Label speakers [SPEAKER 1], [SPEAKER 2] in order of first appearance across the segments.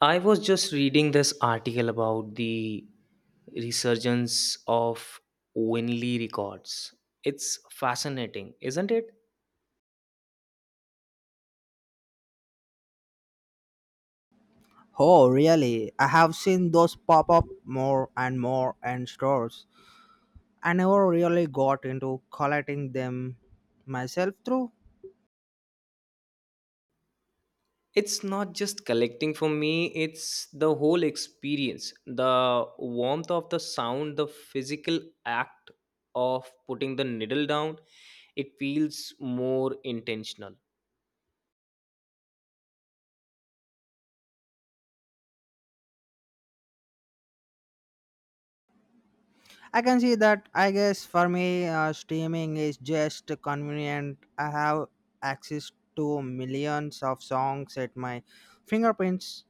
[SPEAKER 1] I was just reading this article about the resurgence of Winley records. It's fascinating, isn't it?
[SPEAKER 2] Oh, really? I have seen those pop up more and more in stores. I never really got into collecting them myself through.
[SPEAKER 1] It's not just collecting for me, it's the whole experience. The warmth of the sound, the physical act of putting the needle down, it feels more intentional.
[SPEAKER 2] I can see that. I guess for me, streaming is just convenient. I have access to millions of songs at my fingerprints.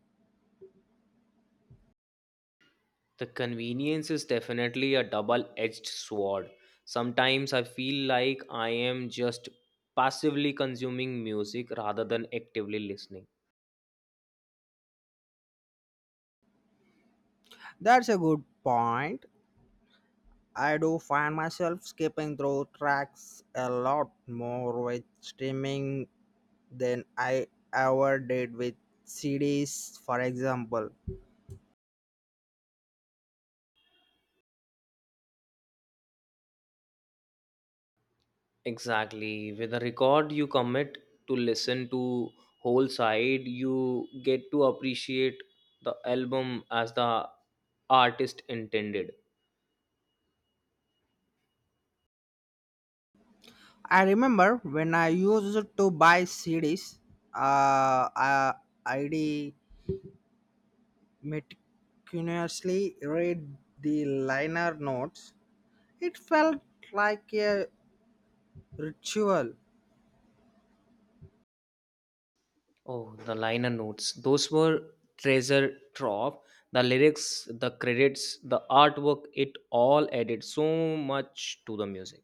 [SPEAKER 1] The convenience is definitely a double edged sword. Sometimes I feel like I am just passively consuming music rather than actively listening.
[SPEAKER 2] That's a good point. I do find myself skipping through tracks a lot more with streaming than I ever did with CDs, for example.
[SPEAKER 1] Exactly. With a record, you commit to listen to whole side, you get to appreciate the album as the artist intended.
[SPEAKER 2] I remember when I used to buy CDs, uh, uh, I, I'd meticulously read the liner notes. It felt like a ritual.
[SPEAKER 1] Oh, the liner notes. Those were treasure trove. The lyrics, the credits, the artwork, it all added so much to the music.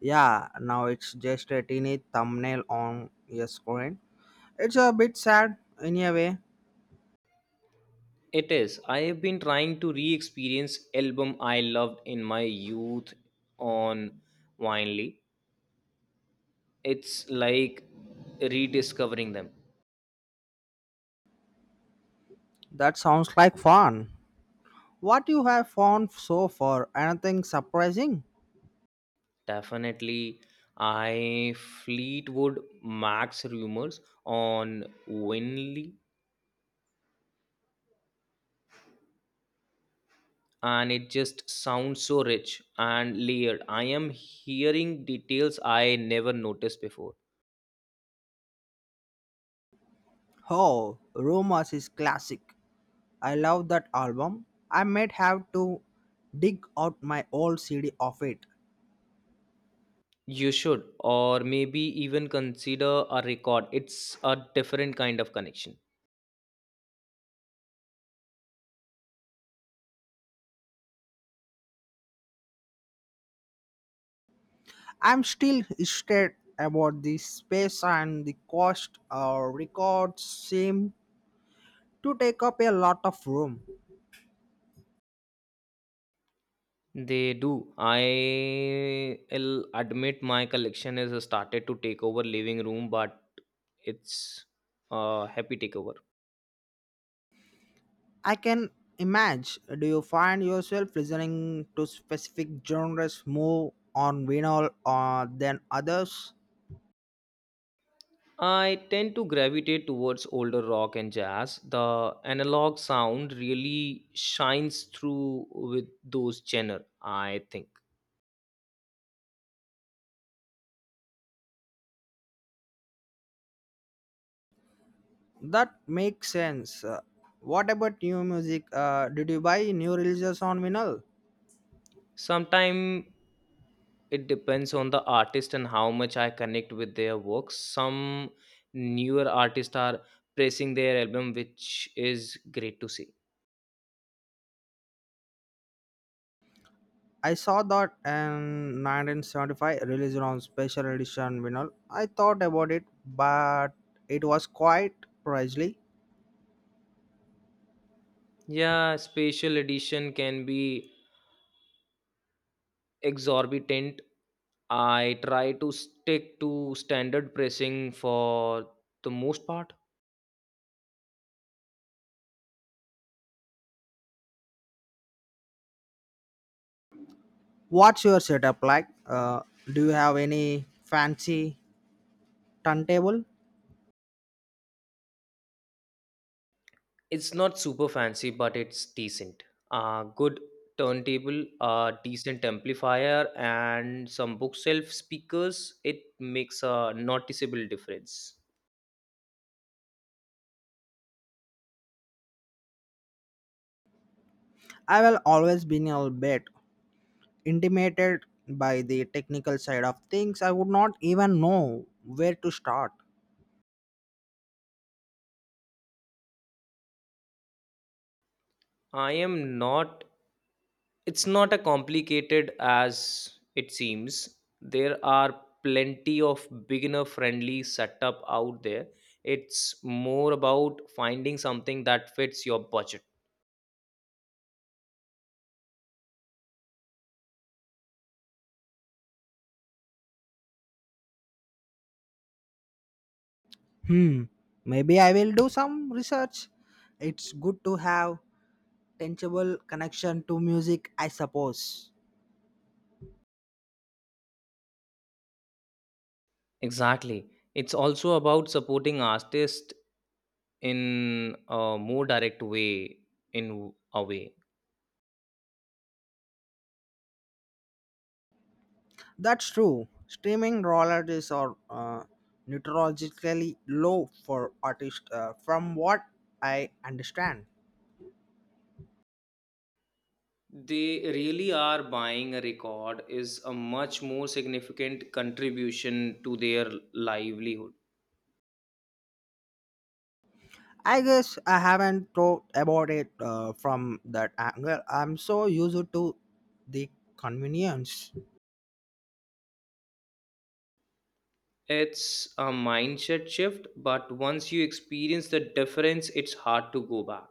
[SPEAKER 2] Yeah, now it's just a teeny thumbnail on your screen. It's a bit sad in a way.
[SPEAKER 1] It is. I have been trying to re-experience album I loved in my youth on Winely. It's like rediscovering them.
[SPEAKER 2] That sounds like fun. What you have found so far? Anything surprising?
[SPEAKER 1] Definitely I Fleetwood Mac's rumors on Winley, and it just sounds so rich and layered. I am hearing details I never noticed before.
[SPEAKER 2] Oh, Roma's is classic. I love that album. I might have to dig out my old CD of it.
[SPEAKER 1] You should, or maybe even consider a record. It's a different kind of connection.
[SPEAKER 2] I'm still scared about the space and the cost. Records seem to take up a lot of room.
[SPEAKER 1] They do. I'll admit my collection has started to take over living room, but it's a happy takeover.
[SPEAKER 2] I can imagine. Do you find yourself listening to specific genres more on vinyl than others?
[SPEAKER 1] I tend to gravitate towards older rock and jazz. The analog sound really shines through with those genre, I think.
[SPEAKER 2] That makes sense. What about new music? Did you buy new releases on vinyl?
[SPEAKER 1] Sometimes it depends on the artist and how much I connect with their works. Some newer artists are pressing their album, which is great to see.
[SPEAKER 2] I saw that in 1975 released on special edition vinyl. I thought about it, but it was quite pricey.
[SPEAKER 1] Yeah, special edition can be exorbitant. I try to stick to standard pressing for the most part.
[SPEAKER 2] What's your setup like? Do you have any fancy turntable?
[SPEAKER 1] It's not super fancy, but it's decent. A good turntable, a decent amplifier, and some bookshelf speakers. It makes a noticeable difference.
[SPEAKER 2] I will always been a bit intimidated by the technical side of things. I would not even know where to start.
[SPEAKER 1] I am not. It's not as complicated as it seems. There are plenty of beginner-friendly setup out there. It's more about finding something that fits your budget.
[SPEAKER 2] Hmm. Maybe I will do some research. It's good to have tangible connection to music, I suppose.
[SPEAKER 1] Exactly. It's also about supporting artists in a more direct way in a way
[SPEAKER 2] That's true. Streaming royalties are notoriously low for artists, from what I understand.
[SPEAKER 1] they really are. Buying a record is a much more significant contribution to their livelihood.
[SPEAKER 2] I guess I haven't thought about it from that angle. I'm so used to the convenience.
[SPEAKER 1] It's a mindset shift, but once you experience the difference it's hard to go back.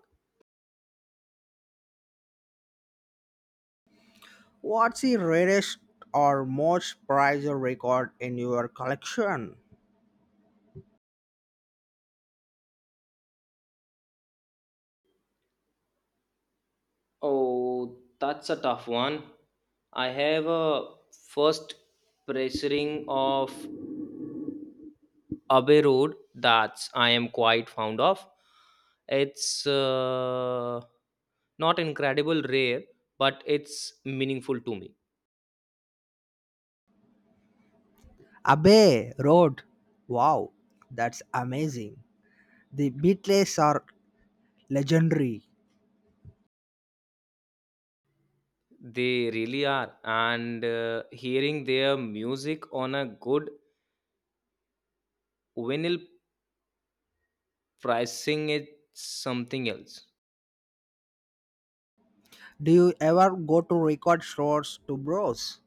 [SPEAKER 2] What's the rarest or most prized record in your collection?
[SPEAKER 1] Oh, that's a tough one. I have a first pressuring of Abbey Road that's I am quite fond of. It's not incredible rare, but it's meaningful to me.
[SPEAKER 2] Abbey Road. Wow, that's amazing. The Beatles are legendary.
[SPEAKER 1] They really are. And hearing their music on a good vinyl pricing, it's something else.
[SPEAKER 2] Do you ever go to record stores to browse?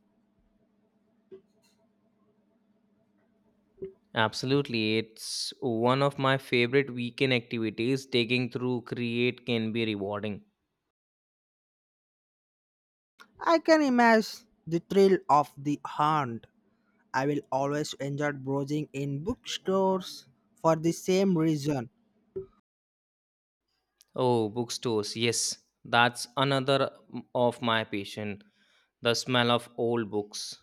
[SPEAKER 1] Absolutely. It's one of my favorite weekend activities. Taking through Create can be rewarding.
[SPEAKER 2] I can imagine the thrill of the hunt. I will always enjoy browsing in bookstores for the same reason.
[SPEAKER 1] Oh, bookstores. Yes, that's another of my passion. The smell of old books.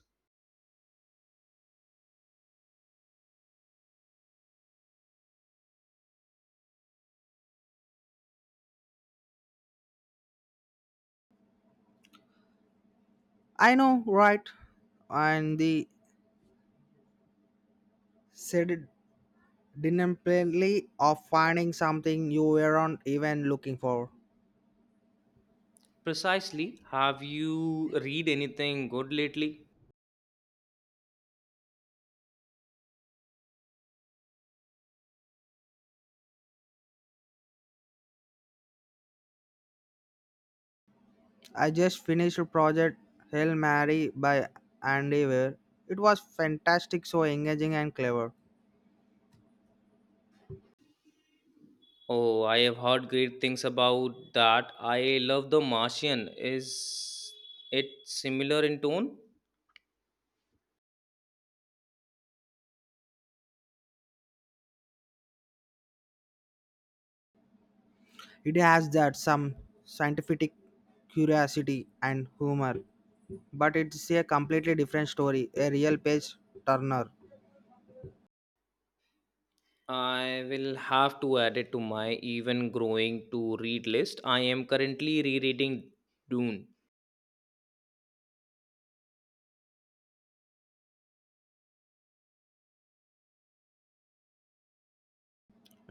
[SPEAKER 2] I know, right? And the sedentary of finding something you weren't even looking for.
[SPEAKER 1] Precisely. Have you read anything good lately?
[SPEAKER 2] I just finished a project Hail Mary by Andy Weir. It was fantastic, so engaging and clever.
[SPEAKER 1] Oh, I have heard great things about that. I love The Martian. Is it similar in tone?
[SPEAKER 2] It has that some scientific curiosity and humor, but it's a completely different story, a real page turner.
[SPEAKER 1] I will have to add it to my even growing to read list. I am currently rereading Dune.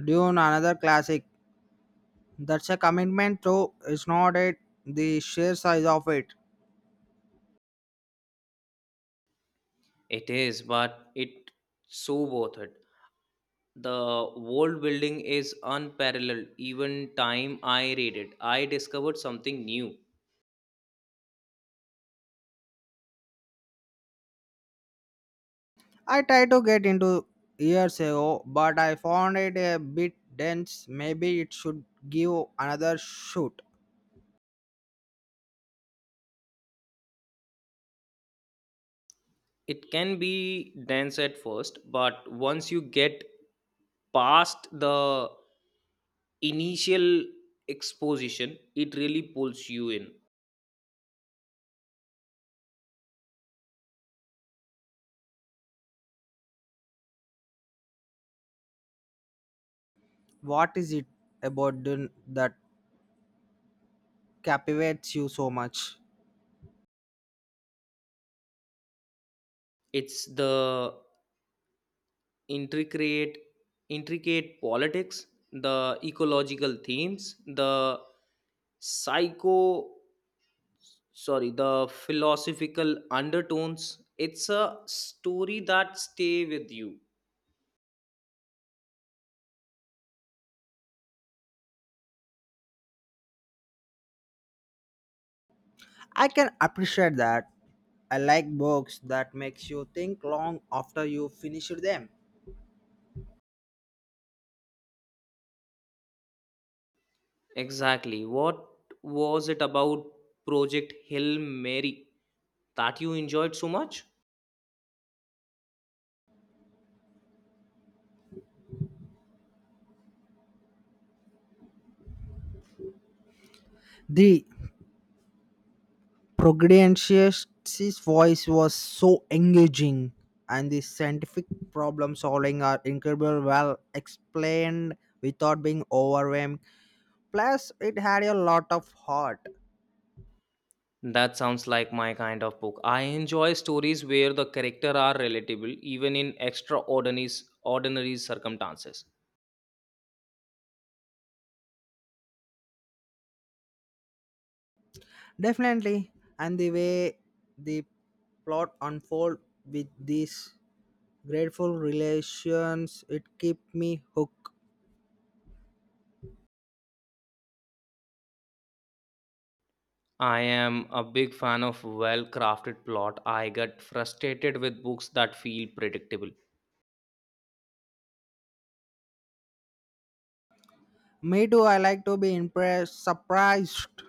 [SPEAKER 2] Dune, another classic. That's a commitment, though it's not it. The sheer size of it.
[SPEAKER 1] It is, but it's so worth it. The old building is unparalleled. Even time I read it I discovered something new.
[SPEAKER 2] I tried to get into years ago, but I found it a bit dense. Maybe it should give another shoot.
[SPEAKER 1] It can be dense at first, but once you get past the initial exposition it really pulls you in.
[SPEAKER 2] What is it about that captivates you so much?
[SPEAKER 1] It's the intricate intricate politics, the ecological themes, the psycho, sorry, the philosophical undertones. It's a story that stay with you.
[SPEAKER 2] I can appreciate that. I like books that makes you think long after you finish them.
[SPEAKER 1] Exactly. What was it about project hill mary that you enjoyed so much?
[SPEAKER 2] The Progodian's voice was so engaging, and the scientific problem solving are incredibly well explained without being overwhelmed. Plus, it had a lot of heart.
[SPEAKER 1] That sounds like my kind of book. I enjoy stories where the character are relatable even in extraordinary ordinary circumstances.
[SPEAKER 2] Definitely, and the way the plot unfold with this grateful relations it keep me hooked.
[SPEAKER 1] I am a big fan of well crafted plot. I get frustrated with books that feel predictable.
[SPEAKER 2] Me too. I like to be impressed, surprised.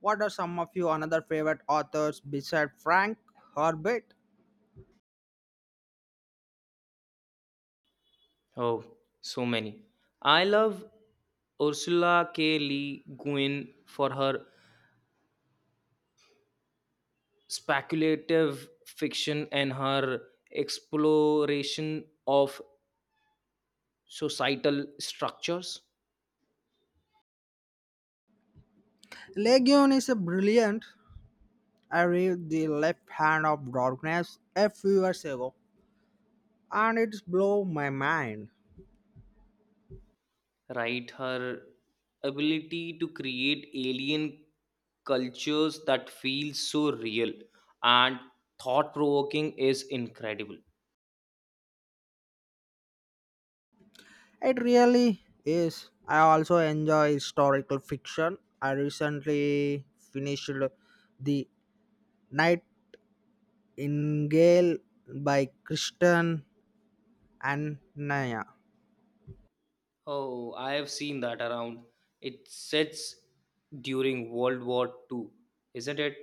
[SPEAKER 2] What are some of your another favorite authors beside Frank Herbert?
[SPEAKER 1] Oh, so many. I love Ursula K. Le Guin for her speculative fiction and her exploration of societal structures,
[SPEAKER 2] Legion is a brilliant. I read The Left Hand of Darkness a few years ago, and it's blow my mind.
[SPEAKER 1] right? Her ability to create alien cultures that feel so real and thought provoking is incredible.
[SPEAKER 2] It really is. I also enjoy historical fiction. I recently finished The Night Ingale by Christian and Naya.
[SPEAKER 1] Oh, I have seen that around. It sets during World War II, isn't it?